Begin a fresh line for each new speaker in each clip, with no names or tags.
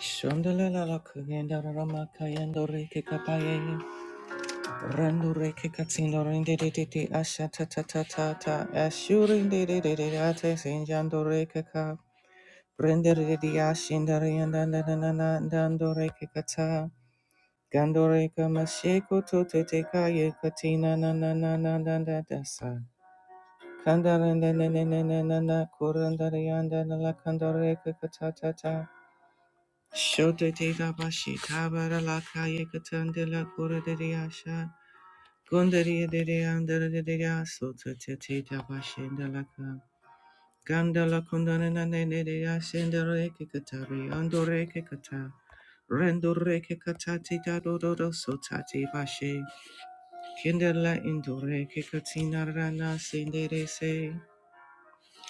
Shondalala kuyendarama kayendo reke kapaye randu reke katsindo rende de de asha ta ta ta ta ta ashuri de ate sinjando reke ka rende de de ashinda renda na na na na dando reke kata gando reke masheko to te kaye katina na na na na na na da sa kanda rende ne ne na na na la kanda reke kata ta ta Shote te da bashi tabara la kaya katande la kura de de asha. Gundari de de andara de de aso te te te da bashi nda la ka. Ganda la kundana na ne ne de asenda reke katari ando reke kata. Rendo reke katati da do do do so tati bashi. Kindala indo reke katina rana sendere se.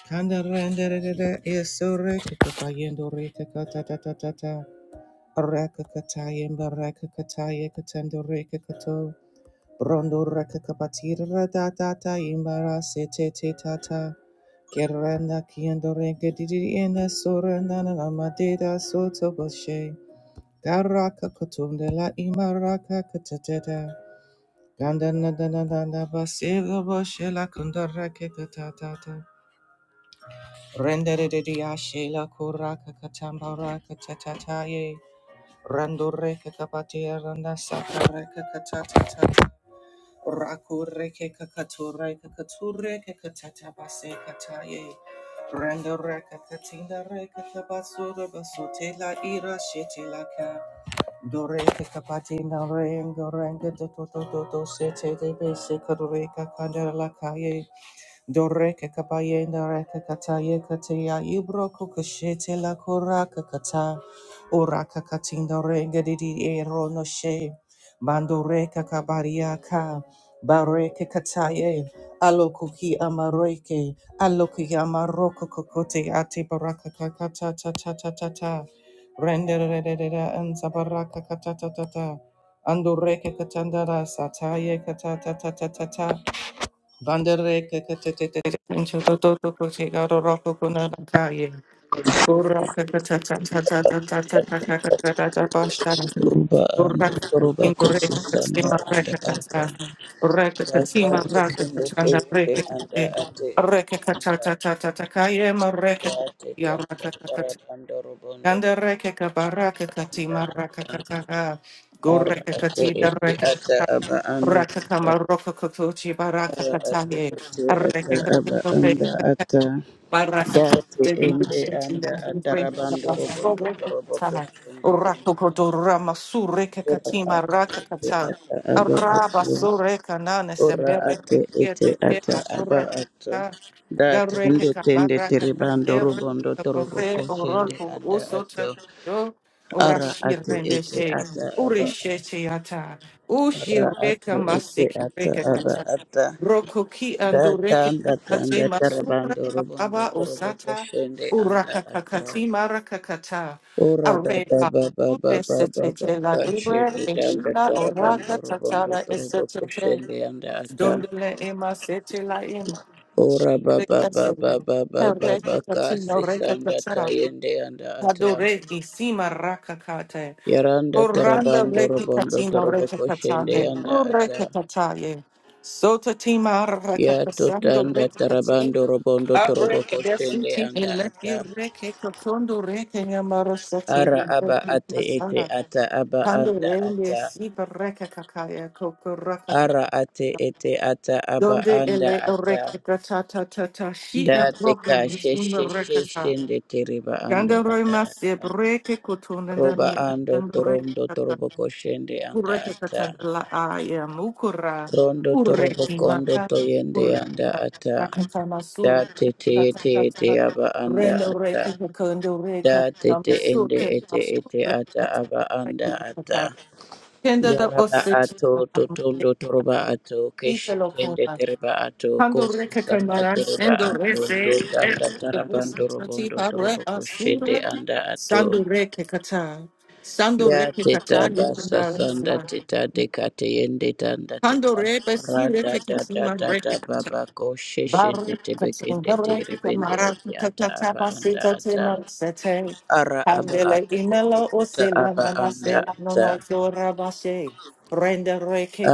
Kanda rendere de de eso reke katayendo reke kata ta ta ta ta. Rakakataya Mbarakakataya Katando Rekakato Brondo Rakakapatira Datata Imbara Sete te Tata Kerana Kiando Regadidi and Sorana Amadeda Soto Boshe Garaka Kotundela Imaraka Katateta Gandanadana Basila Boshela Kundarake Katatata Rendere Diashela Kuraka Katambaraka Tatataye Randoreke kapatia randa sakareke katatata. Rakureke kakatureke katureke katata base kataye. Randoreke katinda reke kabasura basute la ira shete la ka. Doreke kapatina rengo renga dotototo sete de bese kadoreka kandela kaye. Doreke kapayenda reka kataye katea ibroko kashete la koraka kata oraka katinda renga didi ero no she bando reka kabaria ka bareke kataye alokuki amareke aloki amaroko kokote ate baraka kakata ta ta ta ta ta rende re re re re anza baraka kata ta ta ta ando katandara sataye kata ta ta ta ta ta Bandareke Kataye. Ura Kakatatatatatatatatatatatabashara.
Ruba anda
Ura
ruba
Kakatindu Reke
kusisanda
Katima
anda
Reke
ata
Kata. Reke
taka
Katima Rake
tekende
Katanda
tewende
Reke
anda
Kate.
ate ete
Reke
anda
Katatatatakaye
ate
Mareke
ate tanga
Yaraka Kakata.
tarabando rubondo
Ganda Reke Kabaraka
anda
Katima Raka Kataka.
ara
Gureke
ate
Katida
ete
Reke
ata aba anda ata
Rakakama Rokokochi Baraka
ara ate
Kataye,
ete ata aba
Arekakatore,
anda ata
Baraka,
dati
the
ende
Bibushti,
anda
Naki, Break, the
atarabando
Bastro,
rubondo rubo
Rekakatai,
kusende anda
Rakokoto Ramasu,
ata
Rekakatima,
ate
Rakakata,
ete ata aba
Araba
ata
Sureka Nanes, and
Ora
Bereke,
ate
Yete,
ete ata
La
aba ato.
Kuraka.
Da
Garreke
tende tende
kamaraka
teribando
katere
rubondo torobo
kakore
koshende
oroko
anda
oso
ato.
tepujo
Ara
orashi
ate ete
rendeshe
ata aba
ureshete yata
ara
ushireka
ate ete ata
masekereke kata
aba ata.
rokoki
Da
andoreke
tanda
katate
tanda
masura
teribando rubondo
baba
torobo
osata
koshende anda ato.
urakakakati marakakata
Ora baba
areba
baba
Ure
baba baba
setete la ure,
kashende danda
enshina oraka
teribando rubondo
tatara
torobo
esetete
koshende anda ata.
Dondele ema sete la ema.
Ora
Shikere
baba
kase.
baba baba
Ereke
baba
katino
kasi
reke
sanda
katera.
tayende anda ata
Adore di sima raka kate.
yaranda
Oranda
tarabando
reke
robondo
katino reke
toroboko shende
katande.
anda ata
Ureke kataye. Sota tima raka
ya
kasando
totanda
reke kate.
tarabando robondo
Areke
toroboko shende
desuti
anda
elefi
ata
reke katondo reke yamaro sete
ara aba
reke
ate ete
kasana.
ata aba
Tando
anda
rende
ata
siba reke kakaya koko raka kakaya.
ara ate ete ata aba
Donde
anda
ele
ata
recata tata tata she
da
a
te
broken
kashe
sooner
she she
recata.
shende teriba ando
Ganda
ata
rema se breke kutunda
Roba
mi
ando
ascend
torondo
recata.
torobo koshende anda
Urecata
ata.
and la I am ukura.
Rondo torobo
Uretima.
kondo toyende anda
Urecata
ata.
recata masur.
Da tete
Tata
ete ete
tata.
aba anda
Rendo
ata.
recata condo recata
Da tete ende
masurte
ete
masur
ete ata
recata
aba anda
recata.
ata.
Kenda da
Yaraba
osete.
ato totondo toroba ato. Keshe
Italo
tende tereba ato.
Pandora
Kosu sanda
Kakamara,
tereba
Sandore,
ato.
Se,
Dotanda
the
tarabando
Busantati,
robondo
Pare,
torobo koshende
Asura,
anda ato.
Sandore Kakata,
Ya
Sandore
teta
Kakata,
basa
Yukandara,
sanda
Sma,
teta dekate yende tanda teta
Pandore, Basura
rada da da
Kakatima,
da da
Rekakata,
baba ko sheshende
Barakakata,
tebekende terebende
Barakamara,
eti ata
Kakata,
aba anda
Pasita,
ata
Tema, Sete,
ara aba
Pandele,
ato oto
Inelo,
ata
Osela,
aba anda
Manasela,
ata
Nono, Flora, Bashe, Render,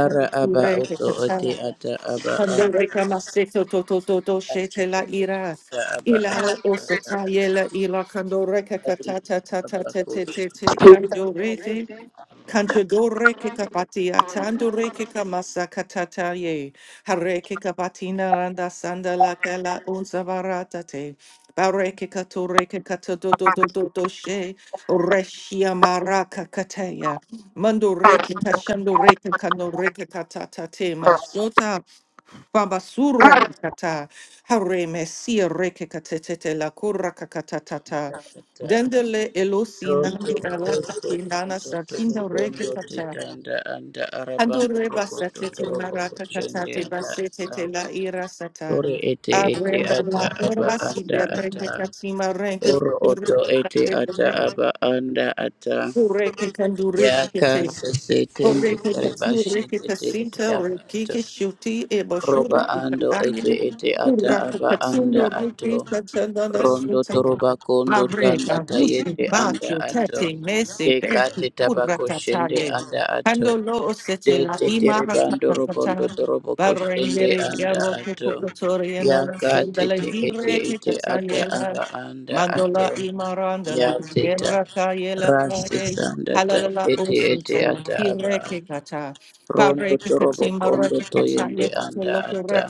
ara aba oto oti ata aba
Hando
anda
reka recamaseto to to to to shete la ira.
ata aba anda
Ilalo
ata
osata yela ila cuando reca
ati
catata tata
baba
te
ko
te te te kando rete. Kanchadore kekapati atandore kekamasa katata ye. Hare kekapatina randa sandala kela unzavaratate. Bare kekatore kekatodo do do do do she. Oreshia maraka kateya. Mandore kekashandore kekanore kekatata te Babasura kakata, hare mesia reke katetete la kura kakatatata.
shata
Dendele elosi
Dodo
nandi alaka
koso
kinana
kondo tobo
sakinda reke
kondo
kata.
tikanda anda arabando
Adore
rokoto
basatete
torobo
maraka
koshende
katate
anda ata.
basetete la ira sata.
Ore ete ete
Arenda
ata
la
aba
ura si
anda ata.
berenge katima renge
Oro oto ete ata aba anda ata.
Ureke kandureke
Yaka
kete.
sese tembe
Ureke
tereba
katsu ureke
shende te ete
kasita
aba
ureke
ato
kishuti ebo shuri
roba ando ete
kukadaye.
ete ata
Uraka
aba
katsindo
anda
ureke
ato
kachandana
rondo
suta.
toroba kondo tanda
Bareka wushi
tayende anda
batu
ato
tete mese beti
dekate tabako
kuraka
shende
taye.
anda ato
Kando lo osete la
dete
imara
terebando robondo
kakakata.
torobo koshende
Barengere
anda
yaro
ato
kukukutori yana rasu
yakate
dala
te ete
hireke
ete ata
kataye
aba anda
Mandola
ato
imarandala
yateta
yerata yela
rasi
kaye
sandata
halalala
ete ete
usinte la
ata aba
kireke kata
rondo
pareke
torobo
katima
kondo
rata kata
toyende
yeke to
anda ata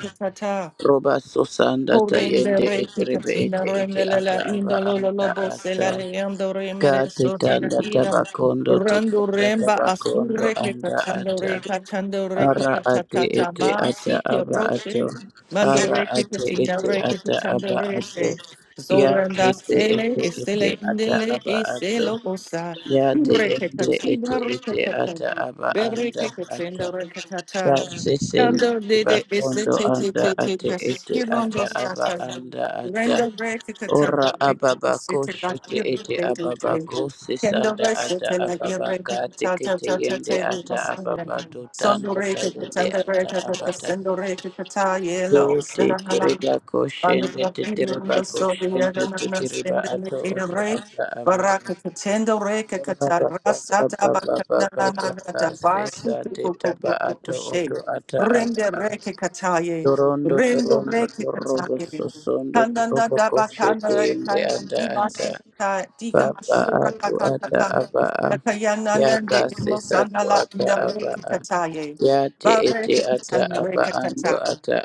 Roba susanda
Corrende
tayende
re que
eterebe
casina
ete ete
rendele
ata
la
aba
indolo lo
anda
lobo se
ata.
la leando re
Kati
merezo te la
tanda
ira.
tabakondo
Rando
tikanda
remba
tabakondo
asurre que
anda
cachando
ata.
re cachando re que
Ara ate
cachatata
ete
ma
ata
si que
aba ato.
roche. Mando
Ara
re que
ate
casina
ete
re que
ata
cachando
aba
re
ato.
se.
Ya
Zoranda
ete
sele
ete
e
ete
sele
ata
indele
aba
e se
ato.
lo osa.
Ya te
Re que
ende ete
cachina re
ete
cachata.
ata aba
Berre
anda
que
ata
cachendo re cachata.
ka sisende
Kando dede ese
bakondo
te te
anda
te te
ate
te.
ete ata
Irondo
aba
sata.
anda ata
Rendo breki kata
ora
breki
aba
ese
bako
te la
shete
iru
ete
te te
aba
te.
bako
Kendo
sisanda
vese
ata
te la
aba
iru
baka
breki kata ta
tekete
ta ta
yende
te li
ata aba
masanda.
bato
Sondo
tanda
reki kata
tayende
ndo
ata
reki kata
abata
sendo reki kata yela
te
osena hala.
tereba ko
Under
shende
the
te
field,
tereba
the
ko
soldier,
te
the
tereba
send
ato
the
oto
ray,
ata aba
Baraka Katendo Reka
ora baba
Katarasa
baba baba
Tabakana
baba ka
Nagata
sisa
Basu to
te taba
Coco
ato
Shea.
oto ata
Rende
aba
reke kataye.
Torondo
Rendo
torondo
reke
torobo
kataye.
sosondo
Kananda
torobo
daba
koshete
kanda
yende
rekaya.
anda
Dima
ata
sikata. Dika
baba
mashura
atu
kaka
ata
kaka.
aba a
Dakayana
yaka
nande emosana
sisatu
la
ata
nda
aba
reke
a
kataye.
yate
Ba
ete
reke
ata
katan
aba
reke
ando
kata.
ata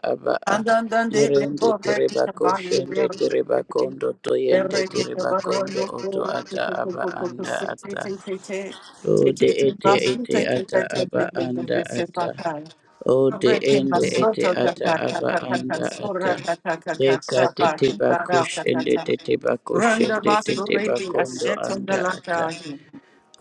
a
Andandande
irende
emo reke
tereba
kabaye. Be
koshende
reke
tereba
kate.
kondo
Be
toyende
reke
tereba kondo
kabarono
oto
sura.
ata aba
Kukukukukuku.
anda
Se te
ata
te te te. Te
ode
te te
ete
masu.
ete
Te te
ata
te te
aba
te te te
anda
te
ata
se
o de
Randa
ende ete ata aba anda ata de kate te bakush ende te te bakush ende te
basu
te
redi
bakondo
asheto
anda ata
galata.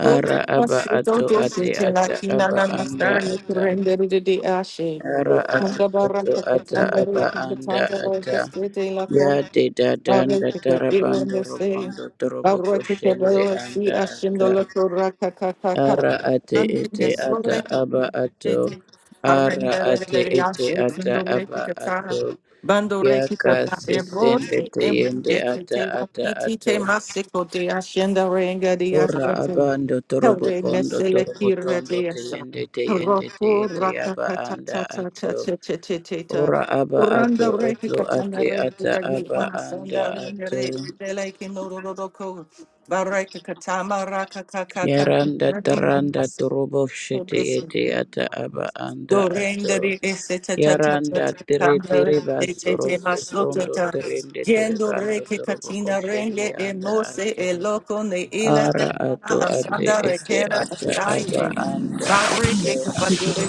Koti
ara aba
masito
ato
to
ate
shete la
ata
kina
aba
na
anda
masari
ata
kurendere de de ashe.
ara ato
Kanda
ato
baranta
ata
katanda
aba
re
anda
katanza re
ata
kestete la
ya de
Haru
dadanda
ekitabu
tarabando
no se,
robondo torobo
haru ekitabu
kushende
no si,
anda
ashindo
ata
lo torra kaka kaka kaka.
Ara ate
Andi
ete
mesore
ata aba ato.
ekitete, haru
Ara
endara
ate
dera ya
ete
ashindo
ata aba
rekita sa,
ato.
bando rekita
Yaka
baba bo
sisende
te
te yende ata
ekitete.
ata
Iti te
ato.
masiko de ashinda renga di asa,
Ora abando torobo
kwe
kondo
mesele
torobo
kira
tondo
di
te
asa,
yende te yende te
haraku
ete
kaka
aba
kaka kaka
anda
kaka
ato.
kaka kaka kaka kaka.
Ora aba
Randa
ato
reki
oto
katana
ate
randa
ata
gali
aba
amasanda
anda
randa
ato.
re randa like no roroko baraka katama raka kaka kaka
Yaranda taranda torobo shete ete ata aba anda
do
ato.
rendere esse ta ta ta ta ta
Yaranda tere tere basoro sosondo terende tere
gendo re
bando
che
torobo
catina
koshende
e
anda
mose
ato.
e loco ne ila
Ara ato
Thank
ate
ansanda
ete
requera
ata aba
stai
anda
barre che
ato.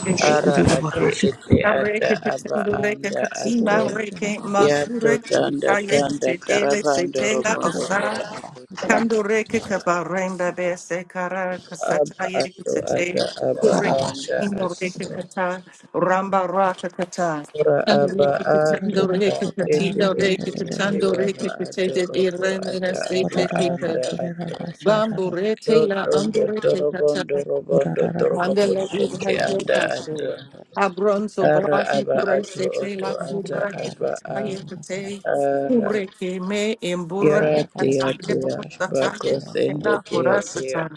de
Ara ate
esse
ete
Re
ata
che
aba
pretendo re che
anda ato.
you.
masure
Yato
che
tanda
caie che
tanda
te
tarabando robondo torobo koshende
Kando reke kaba remba be se kara
aba
kasata ye
ato
kutate
ata aba
kureke
anda
kino reke
ato.
kata ramba raka kata
Ora
kando
aba
reke
ato
katando
ta
reke
ete
katino
ete
reke
ete
katando
aba
reke kate
ato
de
oto
irene na
ata
se
aba
te kika
anda ato
bambu rete la
rotondo
ando reke kata
torobondo robondo torobo
Andele
koshende
ibre
anda ato
kekase. Abronzo
ara
bahi
aba ato
prese te
oto
la
ata
kura ke
aba a
kataye kate.
ara
Kure ke me embura
yara
ke
tia
kataye
tia
brosa
bako
taye te
sende
la
tia
kura
tia
sata.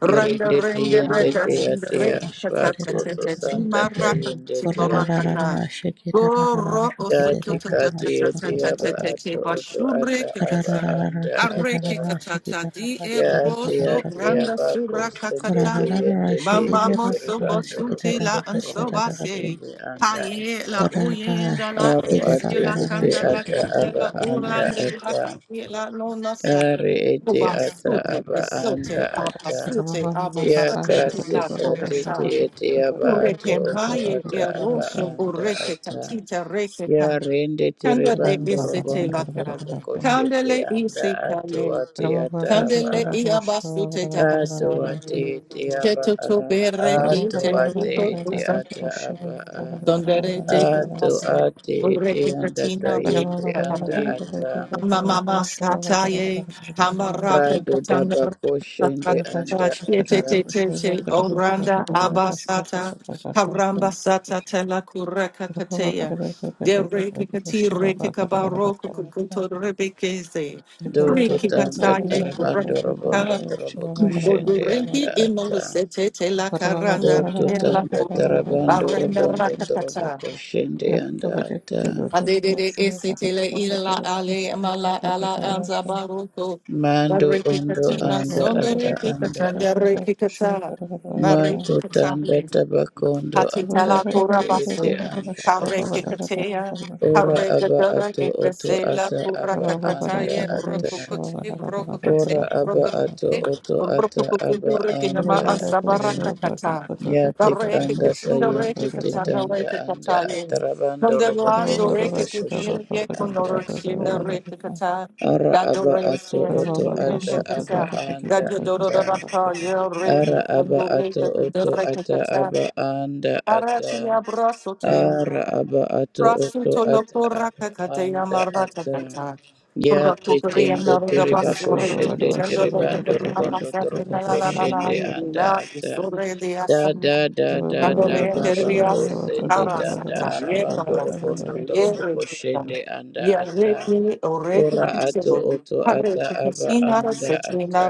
Randa
irinde tia
renge reka
tia
sinda
tia
reka katata
bako
te te ti
sosanda
maraka
tia
ti
tia
maraka
tia
ka. Goro
Dati
osukyo te te
kati
te te te
eti
te
aba
te te te
ato oto
bashure
ata
ke
aba
kata.
anda ata.
Areke katata di
Yati
ebroso
ati
randa
aba
sura
kusende te yende te
Bamba
kekere
moso
bando
sute
rokondo
la
toroko
ansobase.
kusende
Kara
anda
Paye
ata.
la oyenda la
Aru
ese
ati
la
eti
kanda la
ata
kanda
aba
la
anda
urande la
ata.
kuye la nona sa.
Ari eti
Oba
ata
sute
aba anda
yesote
ata.
abasute
Ya
abosate te
kasi
la
sati te
koreta.
eti aba ato
Ureke
oto
maye
ata aba
erosho
anda
ureke
ata.
tatita reke ka.
Yarende
Kanda de
tiribando
ese te
robondo
la ka.
torobo koshete
Kandele isi
anda ato
kaye.
Okay.
ate ata aba
Kandele
a.
i abasute tabasa.
Ato ate ete aba
Cheto to
a.
be
Ato
repeated,
ate
Tito
ete
Busa,
ata aba a.
Dondere de
Ato
Busa,
ate ete
Ureke
anda
Katina, Reke
tayende anda
Kataye,
ata.
Mamma Sataye, Hamaraka
Rado
Katanda,
daba koshende anda ata.
Tete Oranda abasata haramba sata tela kureka katea de reke kati reke kabaro kukuto rebekeze
Do
reke
tanda
katande
tarabando robondo torobo koshende anda
Bogoriki
ata.
imolosete te
Shiva,
la caranda
Do
erla
tutanda
pu.
tarabando
Barenda
robondo torobo
rakatata.
koshende anda ata.
Adedede esete le ila ale mala ala anza baruko.
Mando
Bariki
ondo
katina
anda
sondore
ata anda
kikatanda
ata.
rekikata.
Ma tutanda
Bariki
tabakondo anda
Hatitala
ete ete
Kurabasi,
anda
Hareke
ata.
Katea,
Ora
Hareke
aba
Dora,
ato oto
Ekresela,
ata aba anda
Kurakakataye,
ata.
Brokukute, Brokukate,
Ora aba ato
Brokukate,
oto ata aba
Brokukukinama,
anda ata.
Ansabarakakata,
Ya
Bareke
tekanda
Katinda, Reke
tayende
Katana,
tetanda
Reke
anda
Kataye,
atarabando robondo
Kundelando,
torobo
Reke Kikin,
koshende anda
Yekmanorakshinda,
ata.
Reke Kata,
Ara aba
Dadore,
ato
Thank
Santi,
oto ata
Reke
aba
Kata,
anda
Dadyo Doro
ata.
Rabata, Yel
Ara
Reke,
aba ato
Kandoreke,
oto
Reke
ata aba anda ata.
Aratia brasotia,
Ara aba ato oto
brasuto lo
ata
poraka
aba
katea
anda
marata
ata.
kata.
Ya
Purakukuria
tetendo
narada
tereba
basore,
koshende
tendo lo
terebando
kadena
robondo
basate
torobo
la la la la la,
koshende anda
ila
ata. Da
isore
da da da da baba ko sende tanda arabando robondo torobo ko anda ata ora ato oto ata aba anda ata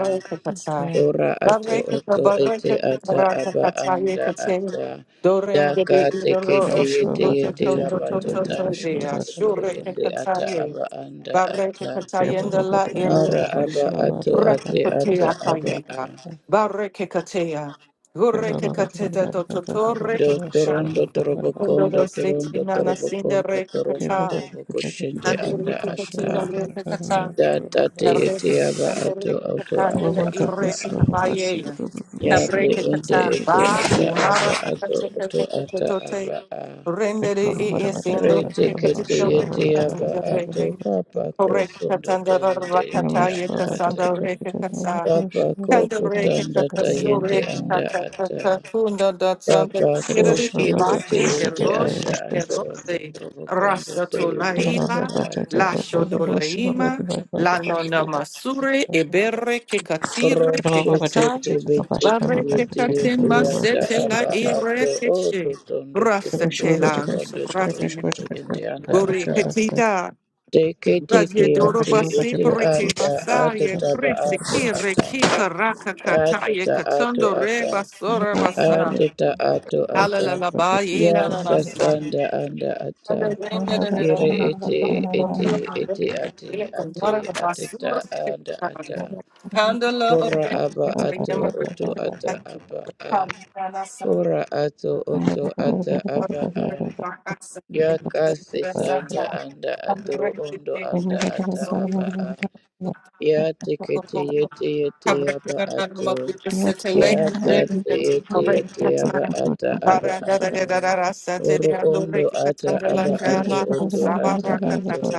ora ato oto ete ata aba anda ata
Dorenge
daka
de Idoro,
tekete yete
Osuko,
yete
Toto, Toto,
abato
Toto,
tanda
Dea,
tayende
Shure,
ende ata
Kataye,
aba anda
Barrete
ata
katayenda la irle.
mara aba ato
Raki
ate ata
katea
aba a
kayeka. Barreke katea. Gurreke kateta tototo reke kata.
Dotorondo
Kundo do
torobokondo
sete
torondo
nana sinde
torobokondo
reke
torondo
Shiva
kata.
toroboko shende
Ande
anda
reke katina
ata
reke kata.
Data tate ete aba ato auto ata aba a ya te ende ete ata aba ato auto ata aba a
Rendere e essendo
rete kete ete aba ato papa
Correct,
kosondo
Cassandra,
toyende
Rakata,
ete anda ata
Cassandra, Rekasa,
papa koto
Kandareke
tanda tayende
kakasureke
anda ata
kakakakakunda datsanda
Papa
kiriri
koshende
iba
teyende anda
eroshe
atorondo
erose
torobo kondo
rasa
toyende
tolaiba
anda ata.
la shodolaima la nona masure ebere ke katire ke
Thank
Rosheke
katan
tebe
bare
tekele
ke katin
teyete ata
masete la
aba
ire
ato
ke she
oto tondo
rasa
torondo
telan
torobondo torobo
subrasi
toyende anda
buri
ata. Teke teke
Radiodoro
ate
basi
ete
preke
ata ato
basaye
taba
prese
ato
kire
ata.
kika raka
Ato
kataye
ta ato
katondo re
ata.
basora basa.
Ato ta ato ata.
Alalala ba ye
Ya
la la
sasanda anda ata.
Handle
Yere ete ete ete ate ate ateta ada ata. Ora aba ato oto ata aba a. Ora ato oto ata aba a. Yaka sanda anda atoro ondo anda ata aba a. Ya tekete yete yete aba ato. Ya tate yete yete aba ata aba ato. Oro ondo ata aba ato oto ata ato.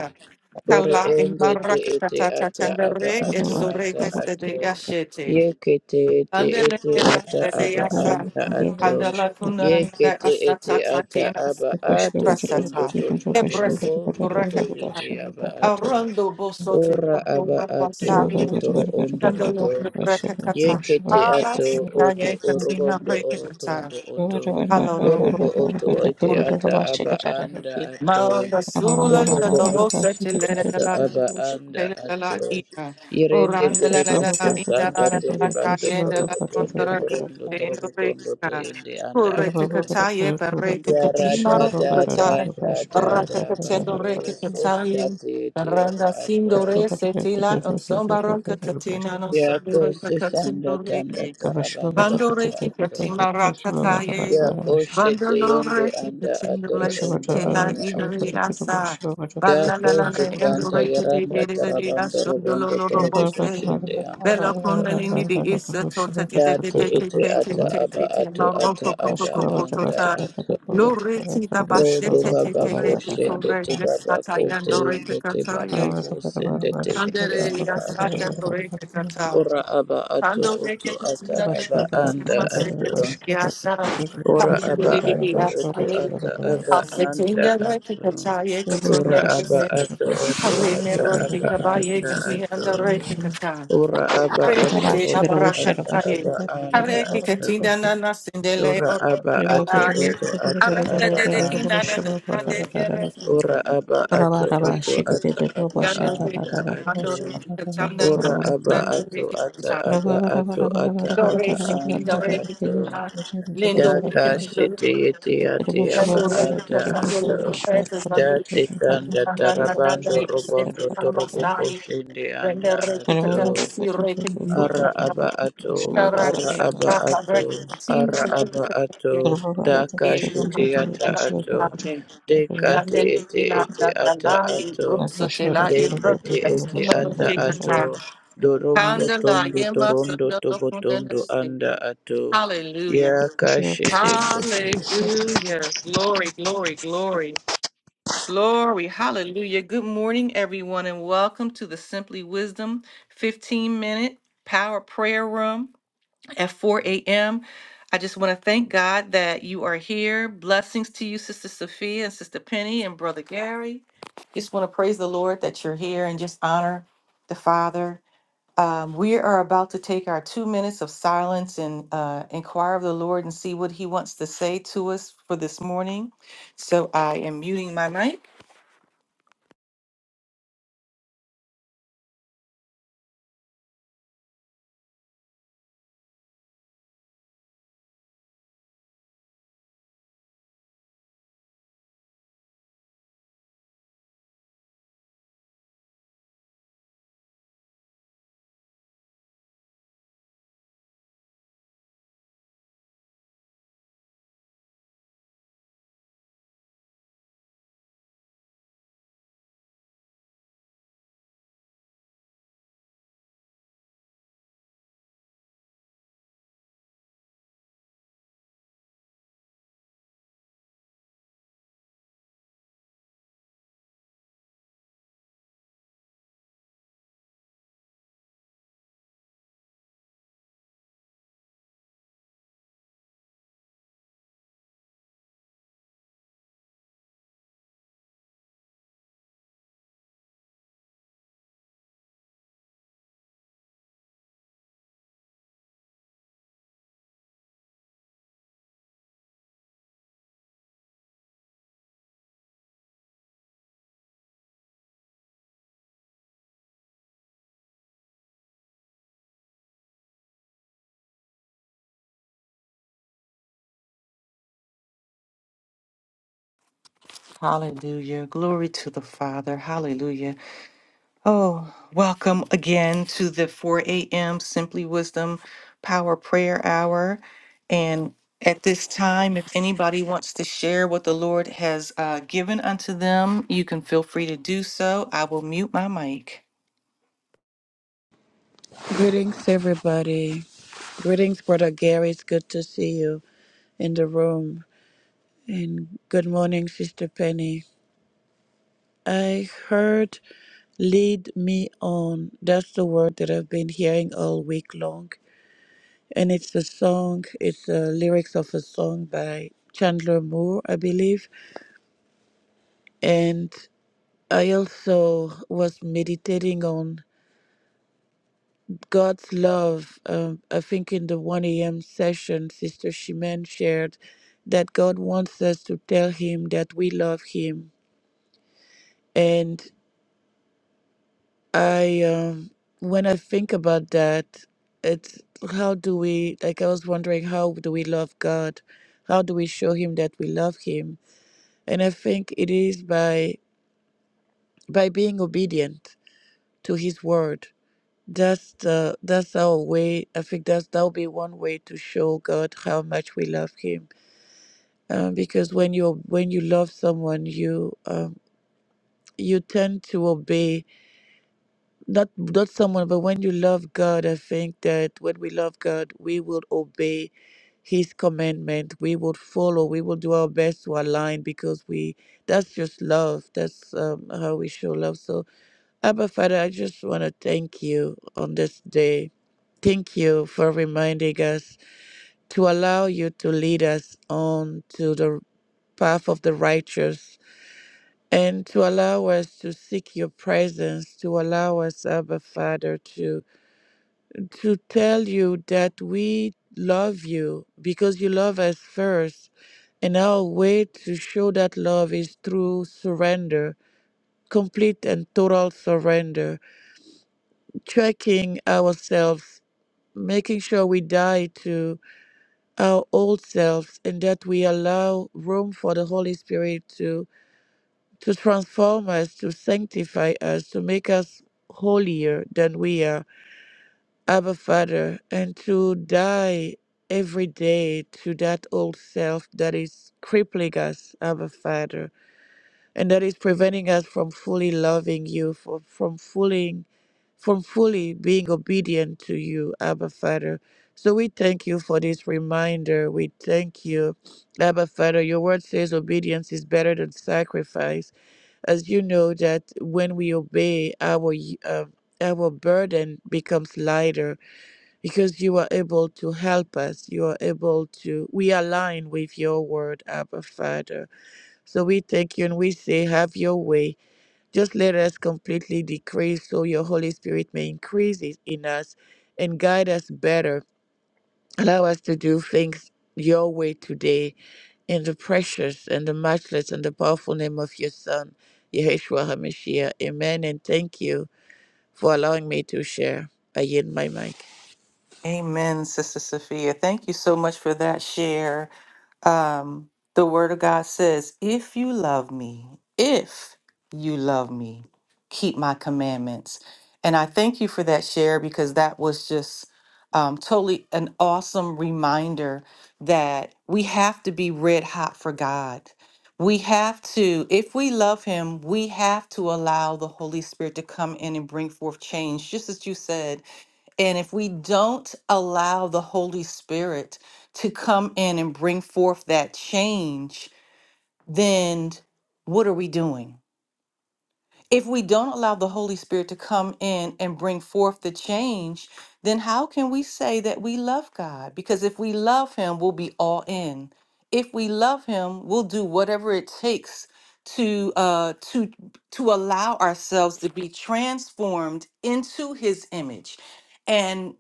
Ore
Kala in
ende te ete
Marakata
ata aba
Tatandere is
ato ata
you.
Surekas
ato.
de Yashete.
Yeke te ete
Andele
ete ata
Thank
de
aba
Yasa.
anta
you.
ato.
Andala Kundaran
Yeke
de
te ete
Asata
ata
Tatinas.
aba ato tondo
Ebrasata.
tondo toro
Ebresit
ondo to
Rakata.
yete aba ato.
Arondo Bosotu
Ora aba ato otoro ondo oto.
Candolo Rekata,
Yekete ato
Aras,
oto
Kaya Katina
orobondo
Rekata,
orotondo oto
Haloromo,
orobo oto ete ata aba anda ato
Mala Sula,
orobo
the
oto oto ata
Rosa,
aba anda
la la la
ato
ina
irende
oranda la la
tereba
la la ina la
sosanda
la la
tereba
ta
do
yenda la
torobo kondo
kondra
torondo
kendo
torobo kondo to
reka
yende anda
korete
ato
kata ye perete
yara
kati
da
maro
da
kata
da da da
baraka
da
katendo
bako
reke kata ye
sosate ete aba
Randa
ato
sindore
Shiva
setila on sombaro katatina no
yako
sandure
sesanda tanda
katatsindore
tarabando
Bandore
anda ato
Kikatima Rakataye,
yakoshete yende
Bandalore
anda atoro
Kikatindole
ondo
Sitena
anda
Idari
atoro
Asa,
dako
Balalale
tutanda
Andore
yaranda
Kikiri
tarabando robondo
Asundolo
torobo
Bose,
koshende anda
Bella
atoro
Kundalini the Isa Tota
date ete ata aba ato ata
Maroko
aba anda
Kokota,
atoro
Lore Tita
rodo
Basete
baba koshende
Tore
te baba
Sataya
kote
Nore
yende te baba
Kikataye,
kosende te yende
Andere
anda
Asata
atoro
Nore Kikata.
ora aba ato
Ando
oto
reke
Rabashka
ata
kutina
aba
reke
anda
kutima seke
atoro
tiya sa.
Ora
Hamdi
aba
di di di
ato
asa
oto
ye.
ata aba
Ase
anda
tinga reke
ato.
kataye
Ora
katunda
aba
rese.
ato oto
Hare me
ata
reke
aba
kabaye
anda ato.
katiyanda reke kata.
Ora aba
Hare
ato
kete
oto ata
abarakataye.
aba anda
Hare ke katinda
ato.
na na sindele
Ora aba ato
orakataye.
oto ata
Hare
aba
kete de ina
anda
na na na de
ato.
de rese.
Ora aba ato oto
Asaye.
ata aba
Yanda reke.
anda ato.
Ando reke kachanda na
Ora
na
aba
na
ato
reke
ata
kachanda.
aba ato ata
Dore
aba
ke pin
anda
dore ke
ato.
kanta lendo re
Daka
ke dore
shiti
ke
iti
It
ati
will show
aba
lendo
up
re
at a
ke
ada
kitchen
kanta dore
ato.
ke
and short for
kanta
the
lendo re ke
Dati
kitchen
kanta
tanda
and
nanda
show up
nanda
tarabando
gai
at
set
robondo
a
lamba
kitchen.
toroboko
sai
shindi
rende
anda
re ke
And I
ato.
will
kanta
get
si
waiting
re
to
ke
show
tum
up at a
Ara
kitchen
kanta
aba
and
ato,
show up
tara
at a
ke
ara aba
kanta
kitchen.
ba re
ato,
ke kanta si
ara
re ke
aba
kanta ye
ato. Daka
ye yo
shiti
man
ata
kanta
ato.
Amen.
Dekate
Gandel
ete
hila
ete ata
gandala ibro
ato.
That was sure
sotela
of
ibro de
Dendete
a
ete
kasino
machine,
ata
re
whatever.
ato. Dorombo
Lindore Lindore
tondo torondo
Lindore
tobotondo
Lindore
anda ato.
Hallelujah.
Yakashete ndete.
Hallelujah. Glory, glory, glory, glory. Hallelujah. Good morning, everyone, and welcome to the Simply Wisdom 15 minute power prayer room at 4 a.m. I just want to thank God that you are here. Blessings to you, Sister Sophia and Sister Penny and Brother Gary. Just want to praise the Lord that you're here and just honor the Father. Um, we are about to take our two minutes of silence and uh, inquire of the Lord and see what He wants to say to us for this morning. So I am muting my mic. Hallelujah. Glory to the Father. Hallelujah. Oh, welcome again to the 4 a.m. Simply Wisdom Power Prayer Hour. And at this time, if anybody wants to share what the Lord has uh, given unto them, you can feel free to do so. I will mute my mic.
Greetings everybody. Greetings Brother Gary. It's good to see you in the room. And good morning Sister Penny. I heard lead me on. That's the word that I've been hearing all week long and it's a song. It's the lyrics of a song by Chandler Moore, I believe. And I also was meditating on God's love. Um, I think in the 1 a.m. session, Sister Shimen shared that God wants us to tell Him that we love Him. And I, um, when I think about that, it's how do we, like, I was wondering, how do we love God? How do we show Him that we love Him? And I think it is by by being obedient to His word. That's the that's our way. I think that's that'll be one way to show God how much we love Him. Um, because when you when you love someone, you um, you tend to obey not not someone, but when you love God, I think that when we love God, we will obey His commandment. We will follow. We will do our best to align because we that's just love. That's um, how we show love. So Abba Father, I just want to thank you on this day. Thank you for reminding us to allow you to lead us on to the path of the righteous and to allow us to seek your presence, to allow us, Abba Father, to, to tell you that we love you because you love us first. And our way to show that love is through surrender, complete and total surrender. checking ourselves, making sure we die to our old selves and that we allow room for the Holy Spirit to to transform us, to sanctify us, to make us holier than we are, Abba Father, and to die every day to that old self that is crippling us, Abba Father and that is preventing us from fully loving you, from, from fully from fully being obedient to you, Abba Father. So we thank you for this reminder. We thank you, Abba Father. Your word says obedience is better than sacrifice. As you know that when we obey, our uh, our burden becomes lighter because you are able to help us. You are able to we align with your word, Abba Father. So we thank you and we say, have your way. Just let us completely decrease so your Holy Spirit may increase it in us and guide us better. Allow us to do things your way today in the precious and the matchless and the powerful name of your Son, Yeshua HaMashiach. Amen. And thank you for allowing me to share. I yield my mic.
Amen, Sister Sophia. Thank you so much for that share. Um, the Word of God says, If you love me, if you love me, keep my commandments. And I thank you for that share because that was just um, totally an awesome reminder that we have to be red hot for God. We have to, if we love Him, we have to allow the Holy Spirit to come in and bring forth change, just as you said and if we don't allow the Holy Spirit to come in and bring forth that change, then what are we doing? If we don't allow the Holy Spirit to come in and bring forth the change, then how can we say that we love God? Because if we love Him, we'll be all in. If we love Him, we'll do whatever it takes to uh, to to allow ourselves to be transformed into His image. And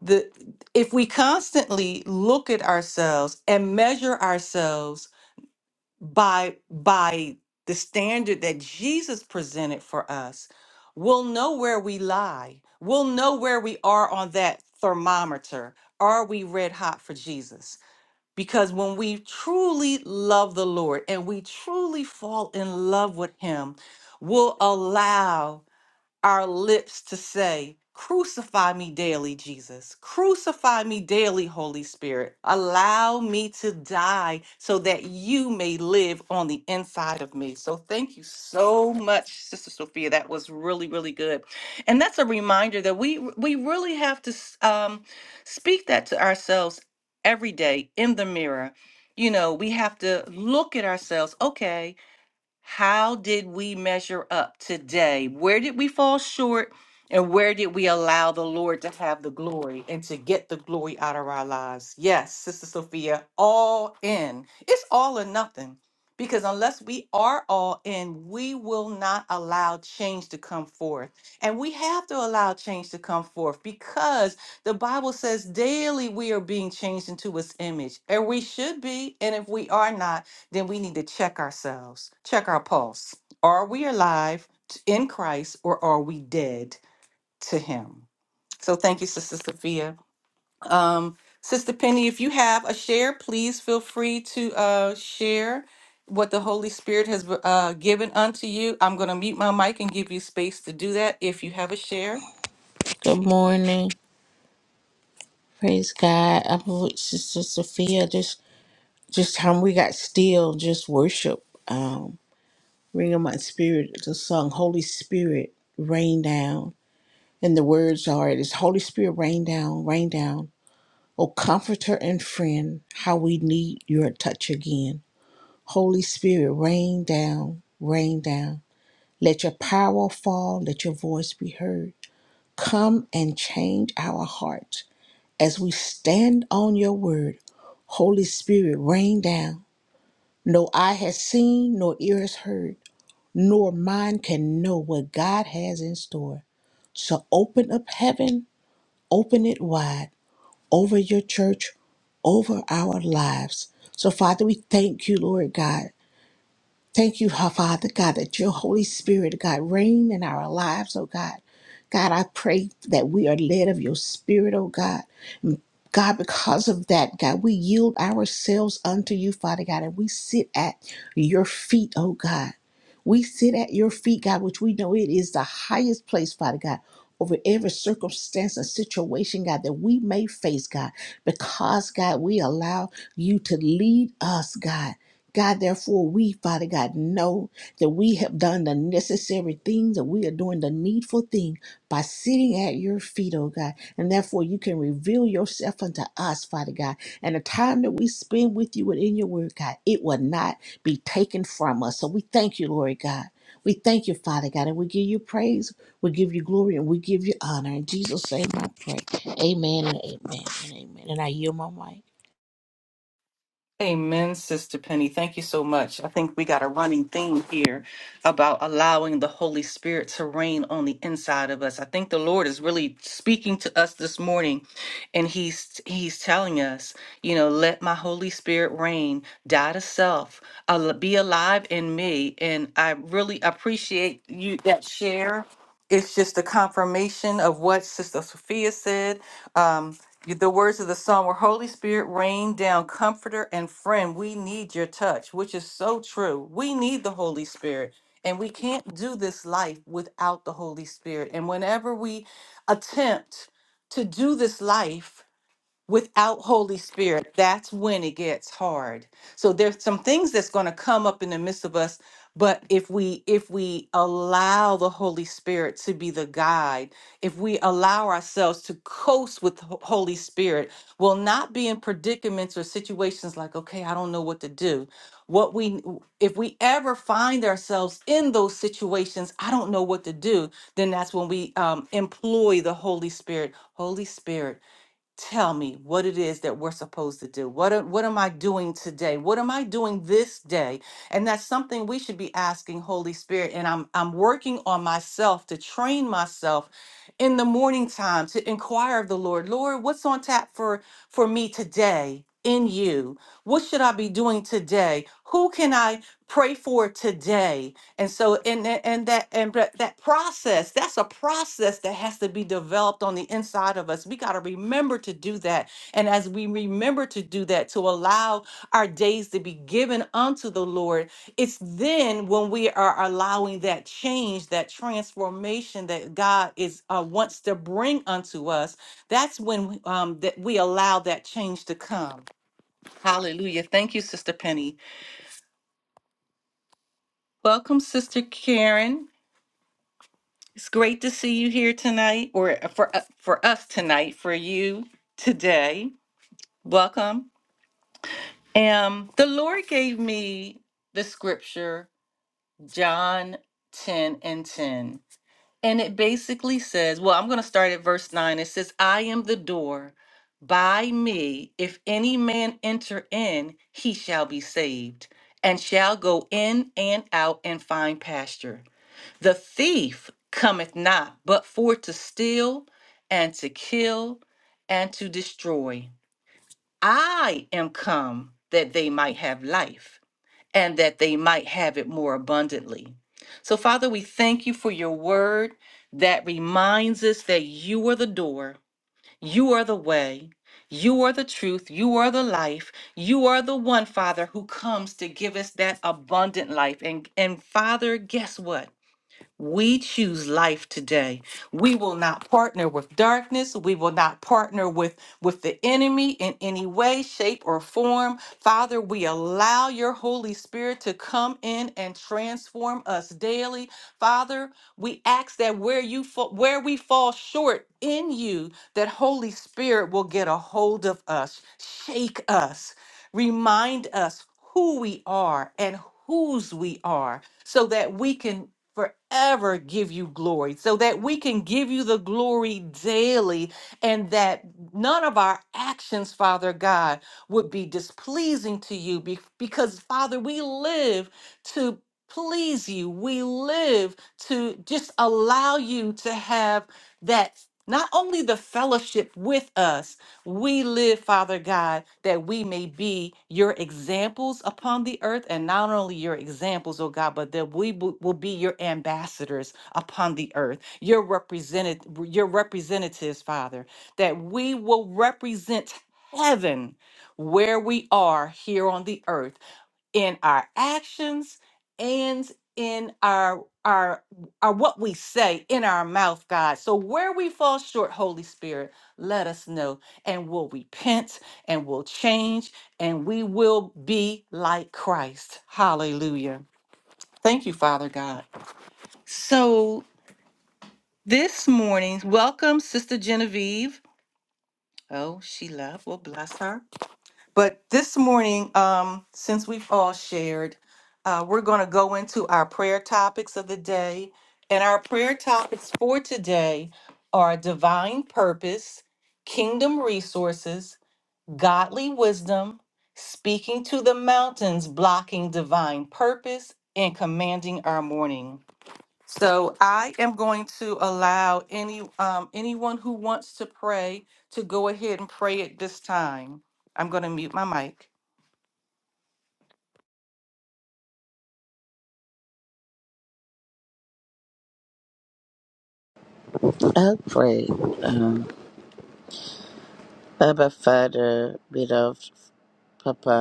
the if we constantly look at ourselves and measure ourselves by by the standard that Jesus presented for us, we'll know where we lie. We'll know where we are on that thermometer. Are we red hot for Jesus? Because when we truly love the Lord and we truly fall in love with him, we'll allow our lips to say, Crucify me daily, Jesus. Crucify me daily, Holy Spirit. Allow me to die so that you may live on the inside of me. So, thank you so much, Sister Sophia. That was really, really good. And that's a reminder that we we really have to s- um, speak that to ourselves every day in the mirror. You know, we have to look at ourselves. Okay, how did we measure up today? Where did we fall short? And where did we allow the Lord to have the glory and to get the glory out of our lives? Yes, Sister Sophia, all in. It's all or nothing. Because unless we are all in, we will not allow change to come forth. And we have to allow change to come forth because the Bible says daily we are being changed into his image. And we should be. And if we are not, then we need to check ourselves, check our pulse. Are we alive t- in Christ or are we dead to Him? So thank you, Sister Sophia. Um, Sister Penny, if you have a share, please feel free to uh, share what the Holy Spirit has uh, given unto you. I'm going to mute my mic and give you space to do that if you have a share.
Good morning. Praise God. I believe Sister Sophia just just how we got still just worship. Um, Ring of my spirit, the song Holy Spirit, rain down. And the words are, it is Holy Spirit, rain down, rain down. O comforter and friend, how we need your touch again. Holy Spirit, rain down, rain down. Let your power fall, let your voice be heard. Come and change our hearts as we stand on your word. Holy Spirit, rain down. No eye has seen, nor ear has heard nor mind can know what God has in store. So open up heaven, open it wide over your church, over our lives. So, Father, we thank you, Lord God. Thank you, Father God, that your Holy Spirit, God, reign in our lives, oh God. God, I pray that we are led of your Spirit, oh God. God, because of that, God, we yield ourselves unto you, Father God, and we sit at your feet, oh God. We sit at your feet, God, which we know it is the highest place, Father God, over every circumstance and situation, God, that we may face, God, because, God, we allow you to lead us, God. God, therefore, we, Father God, know that we have done the necessary things and we are doing the needful thing by sitting at your feet, oh God. And therefore, you can reveal yourself unto us, Father God. And the time that we spend with you and in your word, God, it will not be taken from us. So we thank you, Lord God. We thank you, Father God, and we give you praise, we give you glory, and we give you honor. In Jesus' name I pray. Amen and amen and amen. And I yield my mic.
Amen, Sister Penny. Thank you so much. I think we got a running theme here about allowing the Holy Spirit to reign on the inside of us. I think the Lord is really speaking to us this morning and he's he's telling us, you know, let my Holy Spirit reign, die to self, al- be alive in me. And I really appreciate you that share. It's just a confirmation of what Sister Sophia said. Um, the words of the song were Holy Spirit, rain down, comforter and friend. We need your touch, which is so true. We need the Holy Spirit, and we can't do this life without the Holy Spirit. And whenever we attempt to do this life, without holy spirit that's when it gets hard so there's some things that's going to come up in the midst of us but if we if we allow the holy spirit to be the guide if we allow ourselves to coast with Ho- holy spirit we'll not be in predicaments or situations like okay i don't know what to do what we if we ever find ourselves in those situations i don't know what to do then that's when we um, employ the holy spirit holy spirit tell me what it is that we're supposed to do. What am- what am I doing today? What am I doing this day? And that's something we should be asking Holy Spirit and I'm I'm working on myself to train myself in the morning time to inquire of the Lord. Lord, what's on tap for for me today? In you. What should I be doing today? Who can I pray for today? and so and and and that and but that process that's a process that has to be developed on the inside of us we got to remember to do that and as we remember to do that to allow our days to be given unto the lord it's then when we are allowing that change that transformation that god is uh, wants to bring unto us that's when um, that we allow that change to come hallelujah thank you sister penny welcome sister karen It's great to see you here tonight, or uh, for u- for us tonight, for you today. Welcome. Um, the Lord gave me the scripture John ten and ten, and it basically says, "Well, I'm going to start at verse nine. It says, "I am the door. By me, if any man enter in, he shall be saved, and shall go in and out and find pasture." The thief cometh not, but for to steal and to kill and to destroy. I am come that they might have life and that they might have it more abundantly. So, Father, we thank you for your word that reminds us that you are the door, you are the way, you are the truth, you are the life, you are the one, Father, who comes to give us that abundant life. And, and Father, guess what? We choose life today. We will not partner with darkness. We will not partner with, with the enemy in any way, shape, or form. Father, we allow your Holy Spirit to come in and transform us daily. Father, we ask that where you fa- where we fall short in you, that Holy Spirit will get a hold of us, shake us, remind us who we are and whose we are so that we can forever give you glory so that we can give you the glory daily and that none of our actions, Father God, would be displeasing to you be- because, Father, we live to please you. We live to just allow you to have that. Not only the fellowship with us, we live, Father God, that we may be your examples upon the earth, and not only your examples, oh God, but that we bu- will be your ambassadors upon the earth, your represented, your representatives, Father, that we will represent heaven where we are here on the earth in our actions and in our our our what we say in our mouth god so where we fall short holy spirit let us know and we'll repent and we'll change and we will be like christ hallelujah thank you father god so this morning welcome sister genevieve oh she left well bless her But this morning, um, since we've all shared, uh, we're going to go into our prayer topics of the day. And our prayer topics for today are divine purpose, kingdom resources, godly wisdom, speaking to the mountains, blocking divine purpose, and commanding our morning. So I am going to allow any um, anyone who wants to pray to go ahead and pray at this time. I'm going to mute my mic.
I pray, um, Abba Father, beloved Papa.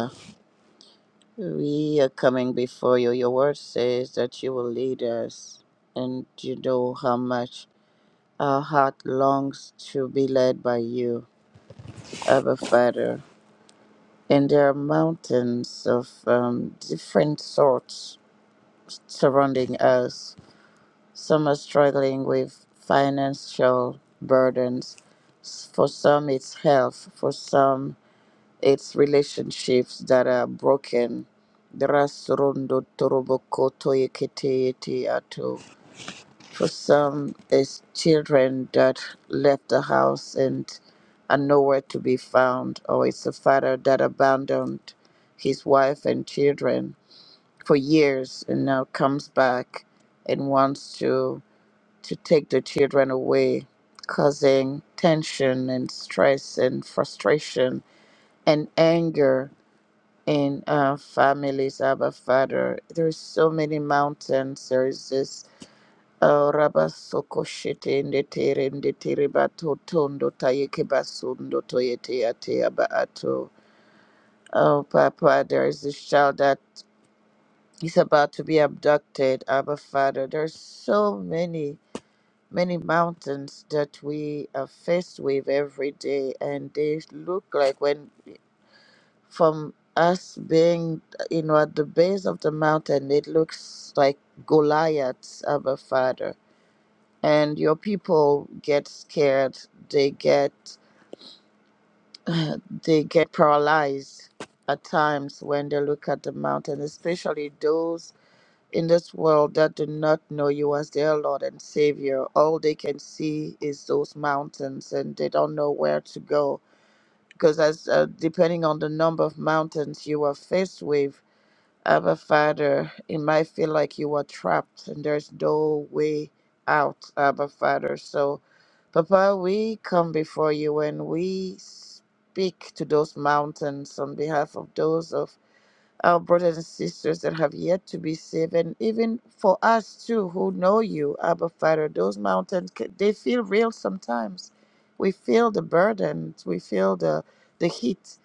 We are coming before you. Your word says that you will lead us, and you know how much our heart longs to be led by you, Abba Father. And there are mountains of um, different sorts surrounding us. Some are struggling with financial burdens. For some, it's health. For some, It's relationships that are broken. Drasrondo toroboko toyekete yete ato. For some, it's children that left the house and are nowhere to be found, or it's a father that abandoned his wife and children for years and now comes back and wants to to take the children away, causing tension and stress and frustration and anger in our families, Abba Father. There is so many mountains. There is this uh, Rabasokoshete Ndetere Ndetere Bato Tondo Tayeke Basundo Toyete Ate Aba Ato. Oh, Papa, there is this child that is about to be abducted, Abba Father. There's so many, many mountains that we are faced with every day, and they look like when from us being, you know, at the base of the mountain, it looks like Goliath, Abba Father. And your people get scared. They get they get paralyzed at times when they look at the mountain, especially those in this world that do not know you as their Lord and Savior. All they can see is those mountains, and they don't know where to go because as uh, depending on the number of mountains you are faced with Abba Father, it might feel like you are trapped and there's no way out, Abba Father. So, Papa, we come before you and we speak to those mountains on behalf of those of our brothers and sisters that have yet to be saved, and even for us too who know you, Abba Father, those mountains ca- they feel real sometimes. We feel the burden, we feel the the heat,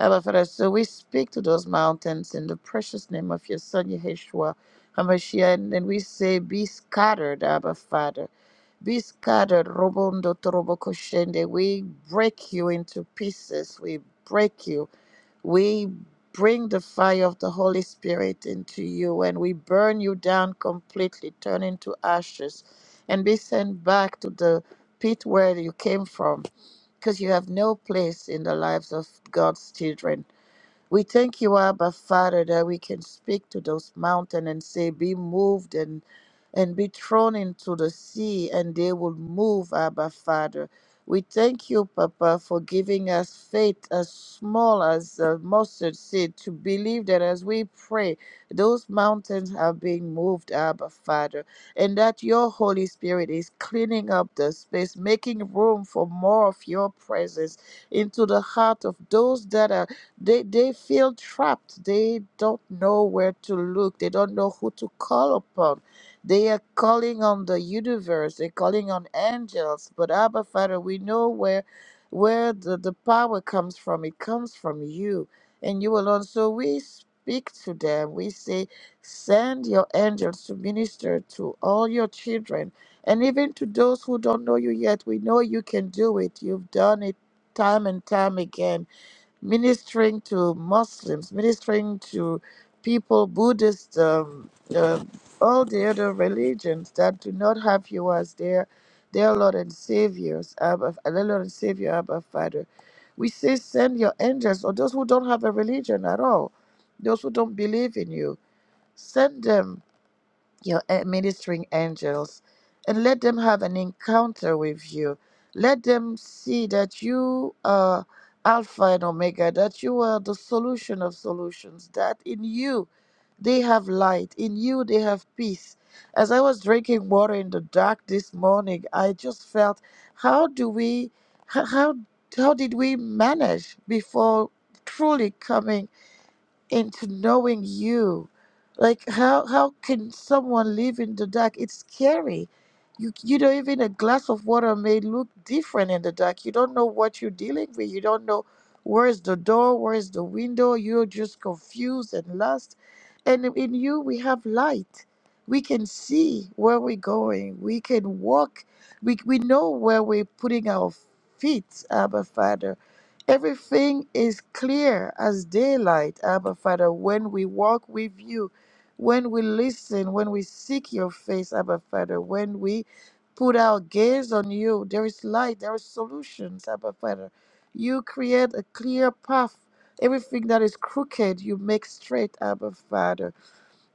Abba Father. So we speak to those mountains in the precious name of your Son Yeshua Hamashiach, and then we say, "Be scattered, Abba Father." Be scattered, Robondo Torobo Koshende. We break you into pieces. We break you. We bring the fire of the Holy Spirit into you and we burn you down completely, turn into ashes, and be sent back to the pit where you came from because you have no place in the lives of God's children. We thank you, Abba Father, that we can speak to those mountains and say, Be moved and and be thrown into the sea, and they will move, Abba Father. We thank you, Papa, for giving us faith as small as a mustard seed to believe that as we pray, those mountains are being moved, Abba Father, and that your Holy Spirit is cleaning up the space, making room for more of your presence into the heart of those that are they they feel trapped they don't know where to look they don't know who to call upon they are calling on the universe they're calling on angels but abba father we know where where the, the power comes from it comes from you and you alone so we speak to them we say send your angels to minister to all your children and even to those who don't know you yet we know you can do it you've done it time and time again ministering to Muslims, ministering to people, Buddhists, um, uh, all the other religions that do not have you as their their Lord and Saviors, Abba, uh, their Lord and Savior, Abba Father. We say, send your angels, or those who don't have a religion at all, those who don't believe in you, send them your a- ministering angels and let them have an encounter with you. Let them see that you are Alpha and Omega, that you are the solution of solutions, that in you they have light, in you they have peace. As I was drinking water in the dark this morning, I just felt how do we, h- how, how did we manage before truly coming? into knowing you. Like how how can someone live in the dark? It's scary. You you know even a glass of water may look different in the dark. You don't know what you're dealing with. You don't know where is the door, where is the window. You're just confused and lost. And in you we have light. We can see where we're going. We can walk. We we know where we're putting our feet, Abba Father Everything is clear as daylight, Abba Father, when we walk with you, when we listen, when we seek your face, Abba Father, when we put our gaze on you, there is light, there are solutions, Abba Father. You create a clear path. Everything that is crooked, you make straight, Abba Father.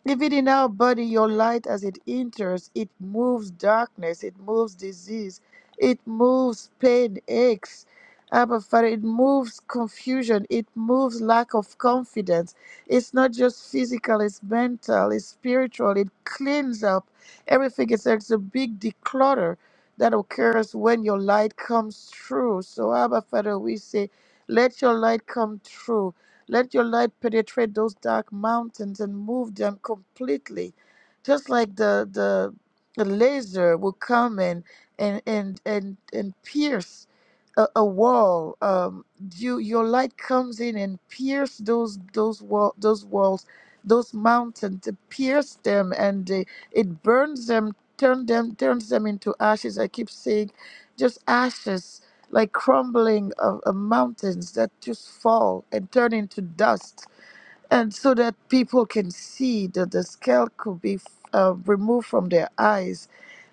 Even in our body, your light as it enters, it moves darkness, it moves disease, it moves pain, aches. Abba Father, it moves confusion, it moves lack of confidence. It's not just physical, it's mental, it's spiritual, it cleans up everything. It's, it's a big declutter that occurs when your light comes through. So, Abba Father, we say, let your light come through. Let your light penetrate those dark mountains and move them completely. Just like the the, the laser will come and and and and, and pierce a, a wall. Um, you your light comes in and pierce those those wall those walls, those mountains, to pierce them and they, it burns them, turn them turns them into ashes. I keep saying, just ashes like crumbling of, of mountains that just fall and turn into dust, and so that people can see that the scale could be uh, removed from their eyes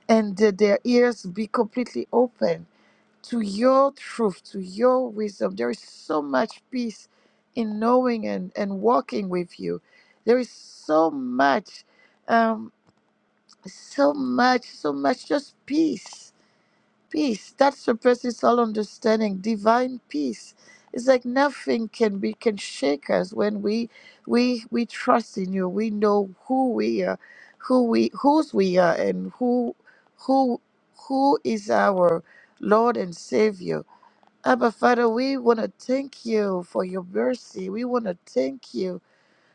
and that their ears be completely open to your truth, to your wisdom. There is so much peace in knowing and, and walking with you. There is so much, um, so much, so much just peace peace that surpasses all understanding divine peace it's like nothing can be can shake us when we we we trust in you we know who we are who we whose we are and who who who is our lord and savior abba father we want to thank you for your mercy we want to thank you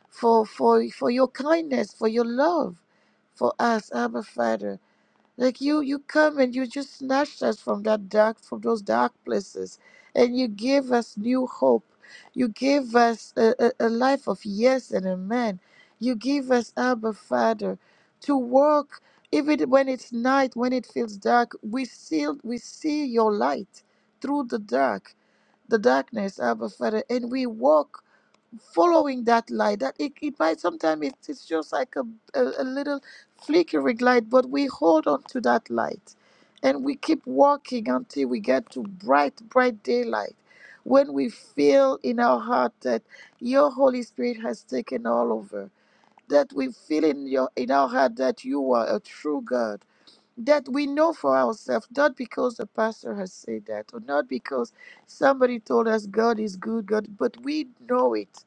for for for your kindness for your love for us abba father like you, you come and you just snatched us from that dark, from those dark places, and you gave us new hope. You gave us a, a, a life of yes and amen. You give us Abba Father to walk, even when it's night, when it feels dark. We see, we see your light through the dark, the darkness, Abba Father, and we walk following that light that it, it might sometimes it, it's just like a, a, a little flickering light but we hold on to that light and we keep walking until we get to bright bright daylight when we feel in our heart that your holy spirit has taken all over that we feel in your in our heart that you are a true god that we know for ourselves, not because the pastor has said that, or not because somebody told us God is good, God, but we know it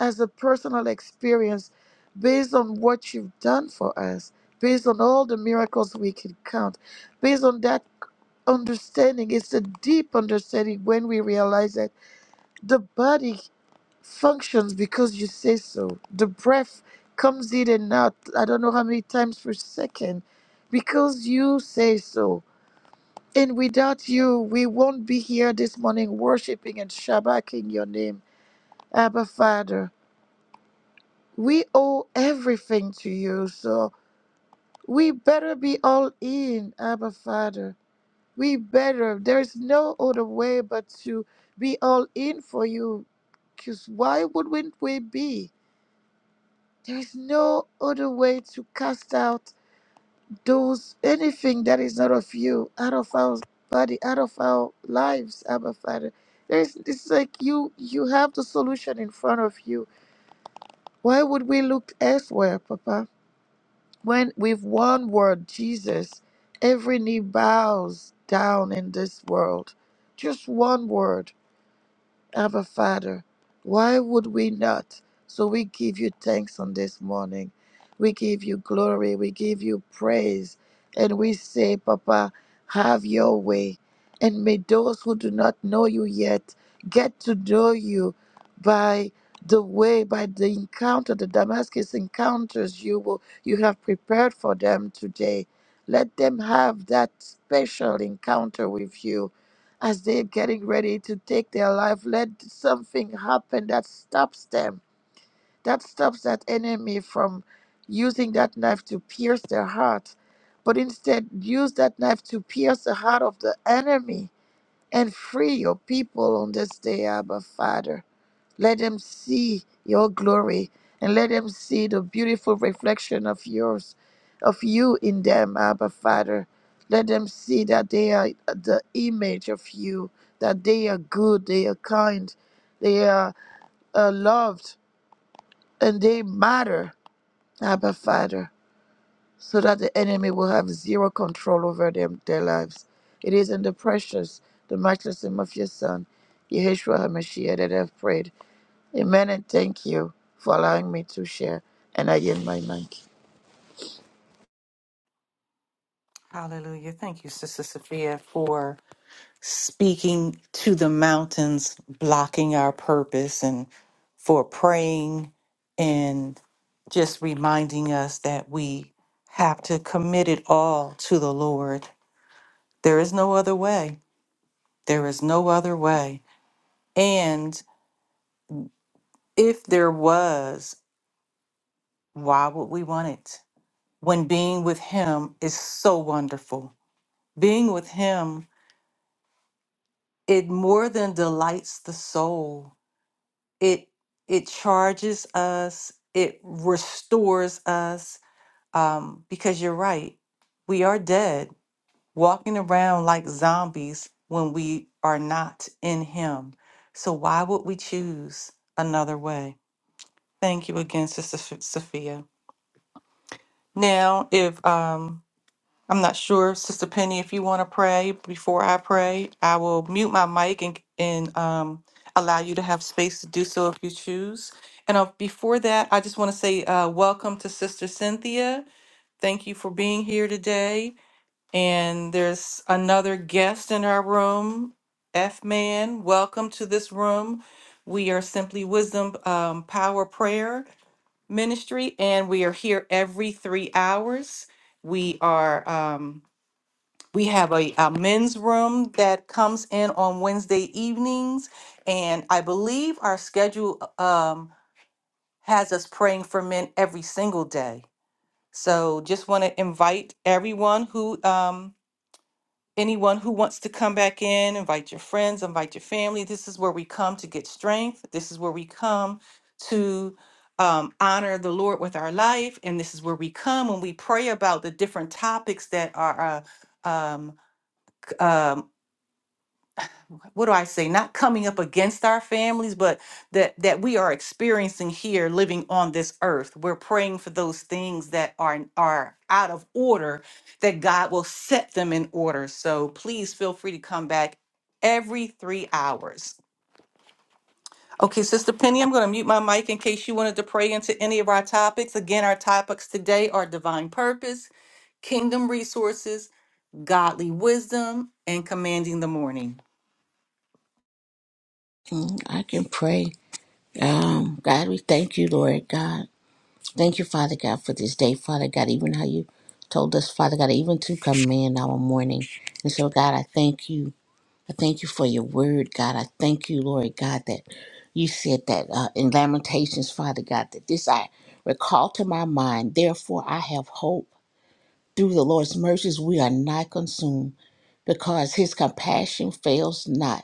as a personal experience based on what you've done for us, based on all the miracles we can count, based on that understanding. It's a deep understanding when we realize that the body functions because you say so. The breath comes in and out, I don't know how many times per second, because you say so and without you, we won't be here this morning worshiping and shabbaking your name, Abba Father. We owe everything to you, so we better be all in, Abba Father. We better. There is no other way but to be all in for you, because why wouldn't we be? There is no other way to cast out. those anything that is not of you out of our body, out of our lives, Abba Father. There's it's like you you have the solution in front of you. Why would we look elsewhere, Papa? When with one word, Jesus, every knee bows down in this world. Just one word Abba Father, why would we not? So we give you thanks on this morning. We give you glory. We give you praise. And we say, Papa, have your way. And may those who do not know you yet get to know you by the way, by the encounter, the Damascus encounters you will you have prepared for them today. Let them have that special encounter with you as they're getting ready to take their life, let something happen that stops them, that stops that enemy from using that knife to pierce their heart. But instead, use that knife to pierce the heart of the enemy and free your people on this day, Abba Father. Let them see your glory and let them see the beautiful reflection of yours, of you in them, Abba Father. Let them see that they are the image of you, that they are good, they are kind, they are uh, loved, and they matter, Abba Father, so that the enemy will have zero control over them, their lives. It is in the precious, the matchless name of your Son, Yeshua HaMashiach, that I've prayed. Amen and thank you for allowing me to share. And I yield my mic.
Hallelujah. Thank you, Sister Sophia, for speaking to the mountains blocking our purpose and for praying and just reminding us that we have to commit it all to the Lord. There is no other way. There is no other way. And if there was, why would we want it? When being with Him is so wonderful, being with Him, it more than delights the soul it it charges us it restores us um, because you're right we are dead walking around like zombies when we are not in him so why would we choose another way thank you again sister Ph- sophia now if um I'm not sure, Sister Penny, if you want to pray before I pray, I will mute my mic and and um, allow you to have space to do so if you choose. And uh, before that, I just want to say uh, welcome to Sister Cynthia. Thank you for being here today. And there's another guest in our room, F Man. Welcome to this room. We are Simply Wisdom um, Power Prayer Ministry, and we are here every three hours. We are. Um, we have a, a men's room that comes in on Wednesday evenings, and I believe our schedule uh, um, has us praying for men every single day. So just want to invite everyone who, um, anyone who wants to come back in, invite your friends, invite your family. This is where we come to get strength. This is where we come to um, honor the Lord with our life. And this is where we come when we pray about the different topics that are. Uh, um, c- um, what do I say, not coming up against our families, but that that we are experiencing here living on this earth. We're praying for those things that are are out of order that God will set them in order. So please feel free to come back every 3 hours. Okay, Sister Penny, I'm going to mute my mic in case you wanted to pray into any of our topics. Again, our topics today are divine purpose, kingdom resources, godly wisdom, and commanding the morning.
Mm, I can pray. Um, God, we thank you, Lord God. Thank you, Father God, for this day, Father God, even how you told us, Father God, even to command our morning. And so, God, I thank you. I thank you for your word, God. I thank you, Lord God, that you said that uh, in Lamentations, Father God, that this I recall to my mind. Therefore, I have hope. Through the Lord's mercies, we are not consumed because his compassion fails not.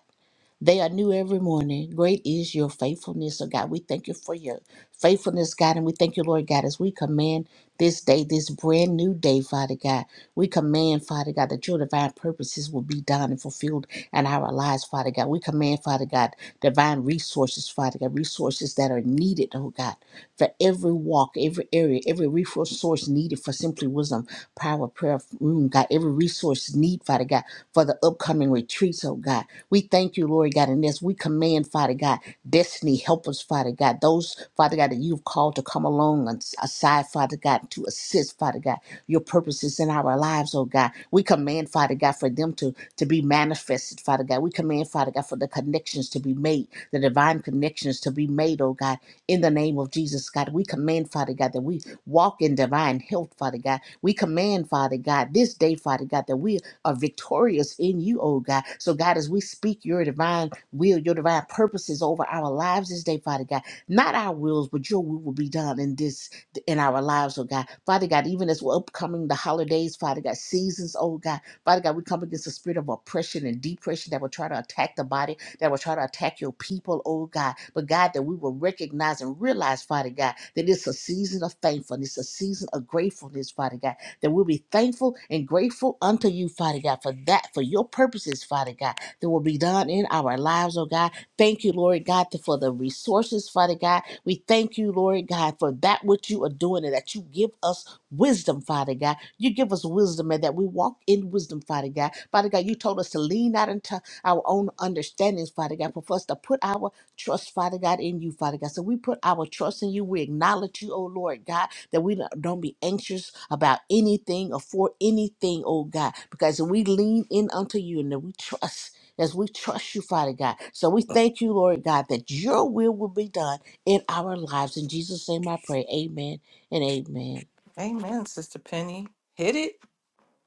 They are new every morning. Great is your faithfulness, oh God. We thank you for your faithfulness, God, and we thank you, Lord God, as we command this day, this brand new day, Father God. We command, Father God, that your divine purposes will be done and fulfilled in our lives, Father God. We command, Father God, divine resources, Father God, resources that are needed, oh God, for every walk, every area, every resource needed for simply wisdom, power, prayer, room, God, every resource need, Father God, for the upcoming retreats, oh God. We thank you, Lord God, in this. We command, Father God, destiny help us, Father God. Those, Father God, that you've called to come along and s- aside, Father God, to assist, Father God, your purposes in our lives, oh God. We command, Father God, for them to, to be manifested, Father God. We command, Father God, for the connections to be made, the divine connections to be made, oh God, in the name of Jesus, God. We command, Father God, that we walk in divine health, Father God. We command, Father God, this day, Father God, that we are victorious in you, oh God. So, God, as we speak your divine will, your divine purposes over our lives this day, Father God, not our wills, but your will will be done in this, in our lives, oh God. Father God, even as we're upcoming the holidays, Father God, seasons, oh God, Father God, we come against the spirit of oppression and depression that will try to attack the body, that will try to attack your people, oh God. But God, that we will recognize and realize, Father God, that it's a season of thankfulness, a season of gratefulness, Father God that we'll be thankful and grateful unto you, Father God, for that, for your purposes, Father God, that will be done in our lives, oh God. Thank you, Lord God, for the resources, Father God. We thank you, Lord God, for that which you are doing and that you give us wisdom, Father God. You give us wisdom and that we walk in wisdom, Father God. Father God, you told us to lean not into our own understandings, Father God, but for us to put our trust, Father God, in you, Father God. So we put our trust in you. We acknowledge you, oh Lord God that we don't be anxious about anything or for anything, oh God, because we lean in unto you and that we trust. As we trust you, Father God. So we thank you, Lord God, that your will will be done in our lives. In Jesus' name I pray. Amen and amen.
Amen, Sister Penny. Hit it.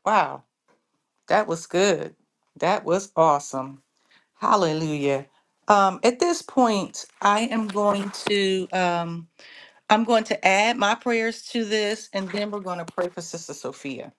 Wow, that was good. That was awesome. Hallelujah. Um, at this point, I am going to um, I'm going to add my prayers to this, and then we're going to pray for Sister Sophia.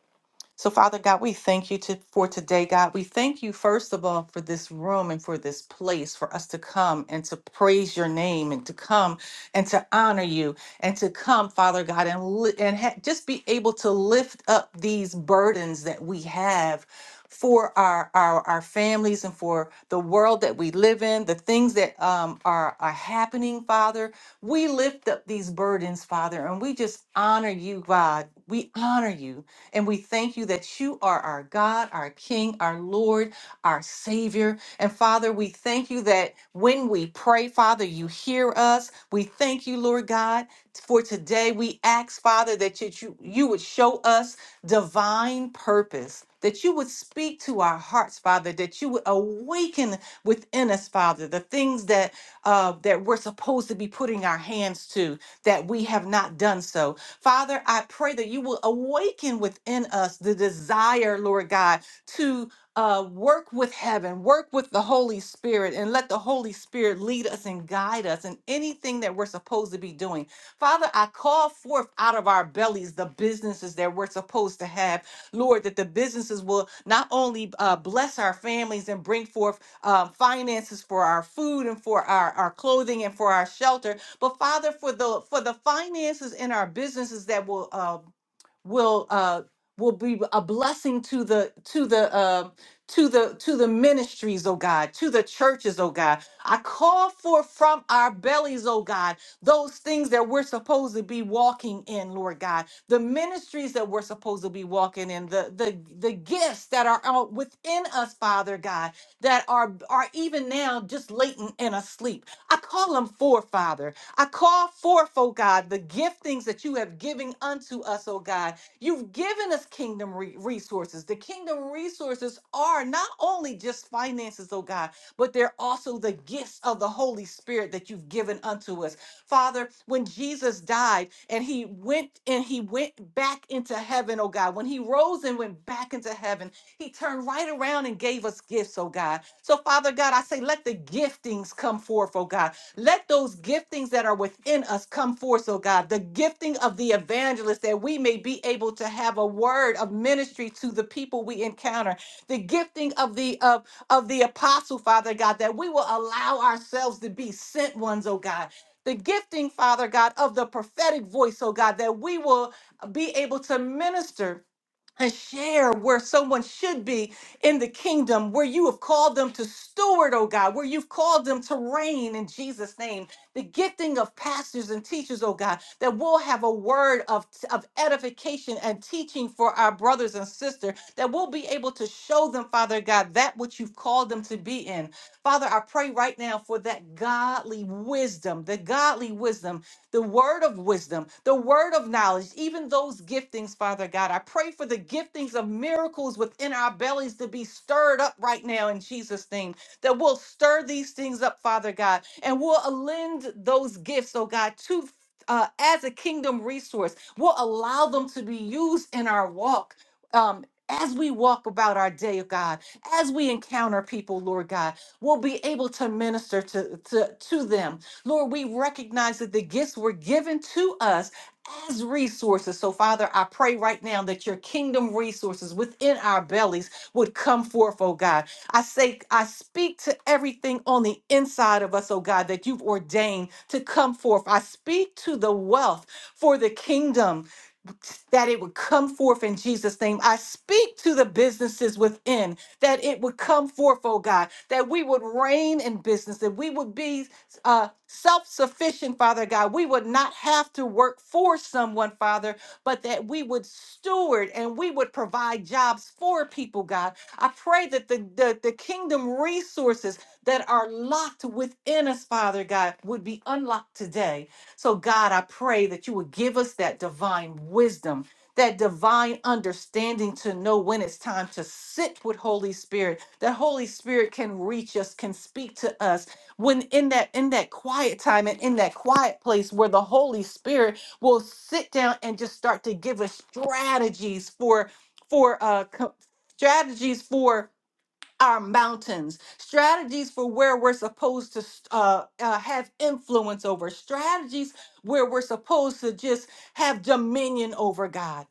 So, Father God, we thank you to, for today, God. We thank you, first of all, for this room and for this place for us to come and to praise your name and to come and to honor you and to come, Father God, and, li- and ha- just be able to lift up these burdens that we have for our, our our families and for the world that we live in the things that um, are are happening father we lift up these burdens father and we just honor you god we honor you and we thank you that you are our God, our King, our Lord, our Savior. And Father, we thank you that when we pray, Father, you hear us. We thank you, Lord God, for today. We ask, Father, that you, you you would show us divine purpose, that you would speak to our hearts, Father, that you would awaken within us, Father, the things that uh, that we're supposed to be putting our hands to that we have not done so Father, I pray that you will awaken within us the desire, Lord God, to uh, work with heaven, work with the Holy Spirit, and let the Holy Spirit lead us and guide us in anything that we're supposed to be doing. Father, I call forth out of our bellies the businesses that we're supposed to have. Lord, that the businesses will not only uh, bless our families and bring forth uh, finances for our food and for our, our clothing and for our shelter, but Father, for the for the finances in our businesses that will uh, will uh will be a blessing to the to the uh, to the to the ministries oh god to the churches oh god i call forth from our bellies oh god those things that we're supposed to be walking in lord god the ministries that we're supposed to be walking in the the the gifts that are out within us father god that are are even now just latent and asleep i call them forth father I call forth, oh God, the giftings that you have given unto us, oh God, You've given us kingdom re- resources. The kingdom resources are not only just finances, oh God, but they're also the gifts of the Holy Spirit that you've given unto us. Father, when Jesus died and he went and he went back into heaven, oh God, when he rose and went back into heaven, he turned right around and gave us gifts, oh God. So, Father God, I say, let the giftings come forth, oh God. Let those giftings that are within us come forth, oh God, the gifting of the evangelist, that we may be able to have a word of ministry to the people we encounter, the gifting of the of, of the apostle, Father God, that we will allow ourselves to be sent ones, oh God. The gifting, Father God, of the prophetic voice, oh God, that we will be able to minister and share where someone should be in the kingdom, where you have called them to steward, oh God, where you've called them to reign in Jesus' name. The gifting of pastors and teachers, oh God, that we'll have a word of, of edification and teaching for our brothers and sisters, that we'll be able to show them, Father God, that which you've called them to be in. Father, I pray right now for that godly wisdom, the godly wisdom the word of wisdom, the word of knowledge, even those giftings, Father God. I pray for the giftings of miracles within our bellies to be stirred up right now in Jesus' name, that we'll stir these things up, Father God, and we'll lend those gifts, oh God, to. Uh, as a kingdom resource, we'll allow them to be used in our walk um, as we walk about our day, oh God, as we encounter people, Lord God, we'll be able to minister to, to, to them Lord, we recognize that the gifts were given to us as resources. So, Father, I pray right now that your kingdom resources within our bellies would come forth, oh God. I say, I speak to everything on the inside of us, oh God, that you've ordained to come forth. I speak to the wealth for the kingdom that it would come forth in Jesus' name. I speak to the businesses within that it would come forth, oh God, that we would reign in business, that we would be uh, self sufficient, Father God. We would not have to work for someone, Father, but that we would steward and we would provide jobs for people, God. I pray that the, the, the kingdom resources that are locked within us, Father God, would be unlocked today so, God, I pray that you would give us that divine wisdom, that divine understanding to know when it's time to sit with Holy Spirit, that Holy Spirit can reach us, can speak to us when in that in that quiet time and in that quiet place where the Holy Spirit will sit down and just start to give us strategies for for uh co- strategies for our mountains, strategies for where we're supposed to uh, uh, have influence over, strategies where we're supposed to just have dominion over God.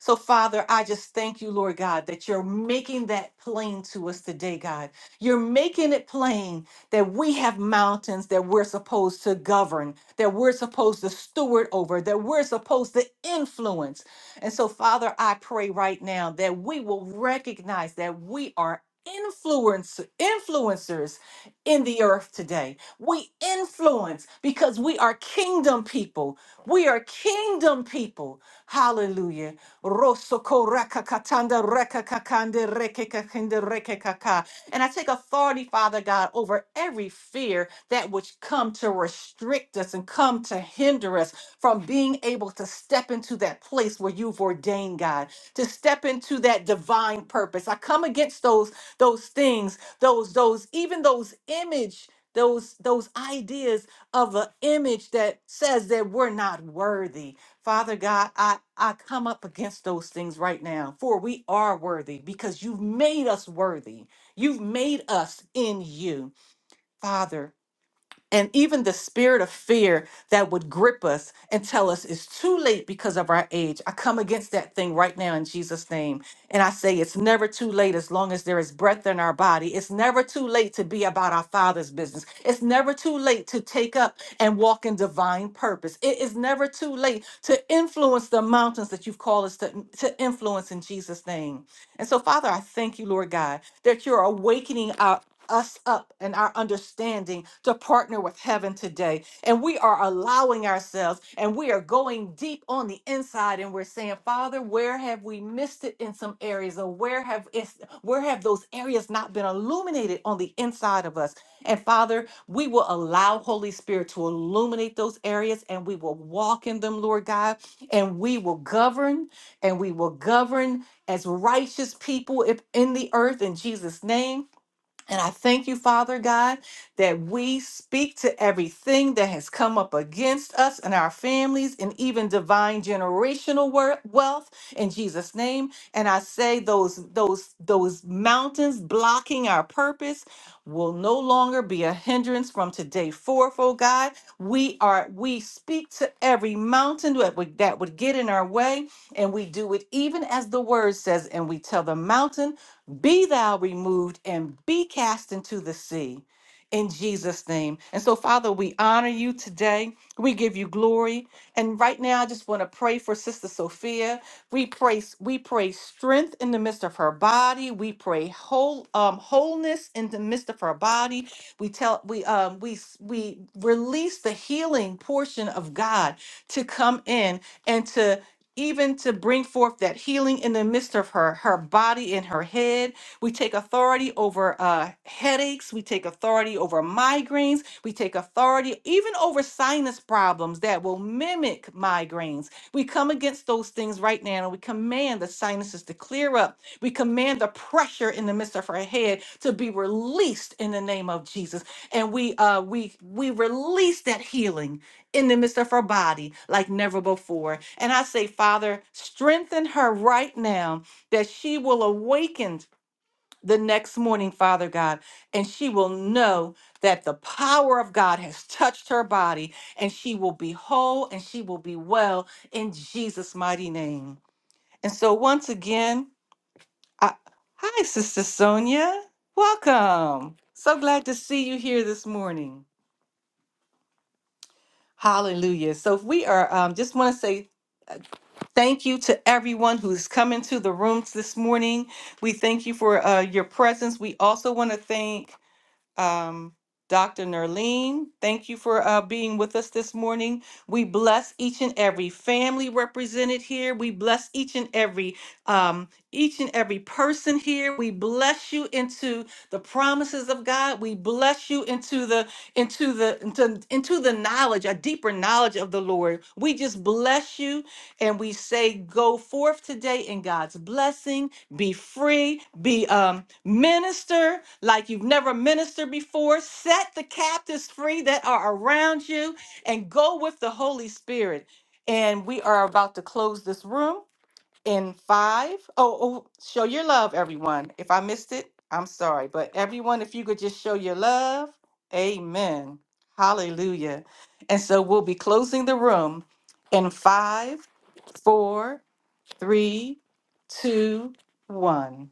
So, Father, I just thank you, Lord God, that you're making that plain to us today, God. You're making it plain that we have mountains that we're supposed to govern, that we're supposed to steward over, that we're supposed to influence. And so, Father, I pray right now that we will recognize that we are influence influencers in the earth today. We influence because we are kingdom people. We are kingdom people. Hallelujah. Rosoko rakakatanda rekakakande rekekakende rekekaka. And I take authority, Father God, over every fear that would come to restrict us and come to hinder us from being able to step into that place where you've ordained, God, to step into that divine purpose. I come against those those things those those even those image those those ideas of an image that says that we're not worthy father god i i come up against those things right now for we are worthy because you've made us worthy you've made us in you father and even the spirit of fear that would grip us and tell us it's too late because of our age. I come against that thing right now in Jesus' name. And I say it's never too late as long as there is breath in our body. It's never too late to be about our Father's business. It's never too late to take up and walk in divine purpose. It is never too late to influence the mountains that you've called us to, to influence in Jesus' name. And so, Father, I thank you, Lord God that you're awakening our, us up and our understanding to partner with heaven today. And we are allowing ourselves and we are going deep on the inside and we're saying, Father, where have we missed it in some areas? Or where have is where have those areas not been illuminated on the inside of us? And Father, we will allow Holy Spirit to illuminate those areas and we will walk in them, Lord God, and we will govern and we will govern as righteous people if- in the earth in Jesus' name. And I thank you, Father God, that we speak to everything that has come up against us and our families and even divine generational wor- wealth in Jesus name. And I say those those those mountains blocking our purpose will no longer be a hindrance from today forth, oh God. We are we speak to every mountain that would that would get in our way and we do it even as the word says and we tell the mountain be thou removed and be cast into the sea in Jesus' name. And so, Father, we honor you today. We give you glory. And right now, I just want to pray for Sister Sophia. We pray, we pray strength in the midst of her body. We pray whole um, wholeness in the midst of her body. We tell we um we s- we release the healing portion of God to come in and to even to bring forth that healing in the midst of her her body and her head we take authority over uh, headaches we take authority over migraines we take authority even over sinus problems that will mimic migraines we come against those things right now and we command the sinuses to clear up we command the pressure in the midst of her head to be released in the name of jesus and we uh we we release that healing in the midst of her body like never before. And I say, Father, strengthen her right now that she will awaken the next morning, Father God, and she will know that the power of God has touched her body and she will be whole and she will be well in Jesus' mighty name. And so, once again, I, hi, Sister Sonia. Welcome. So glad to see you here this morning. Hallelujah. So, if we are, um, just want to say Thank you to everyone who's come into the rooms this morning. We thank you for uh, your presence. We also want to thank um, Dr. Nerline, thank you for uh, being with us this morning. We bless each and every family represented here. We bless each and every um, each and every person here. We bless you into the promises of God. We bless you into the into the into, into the knowledge, a deeper knowledge of the Lord. We just bless you and we say, go forth today in God's blessing be free, be um minister like you've never ministered before, set the captives free that are around you and go with the Holy Spirit. And we are about to close this room in five. Oh, oh show your love, everyone. If I missed it, I'm sorry. But everyone, if you could just show your love, amen. Hallelujah. And so we'll be closing the room in five, four three, two, one.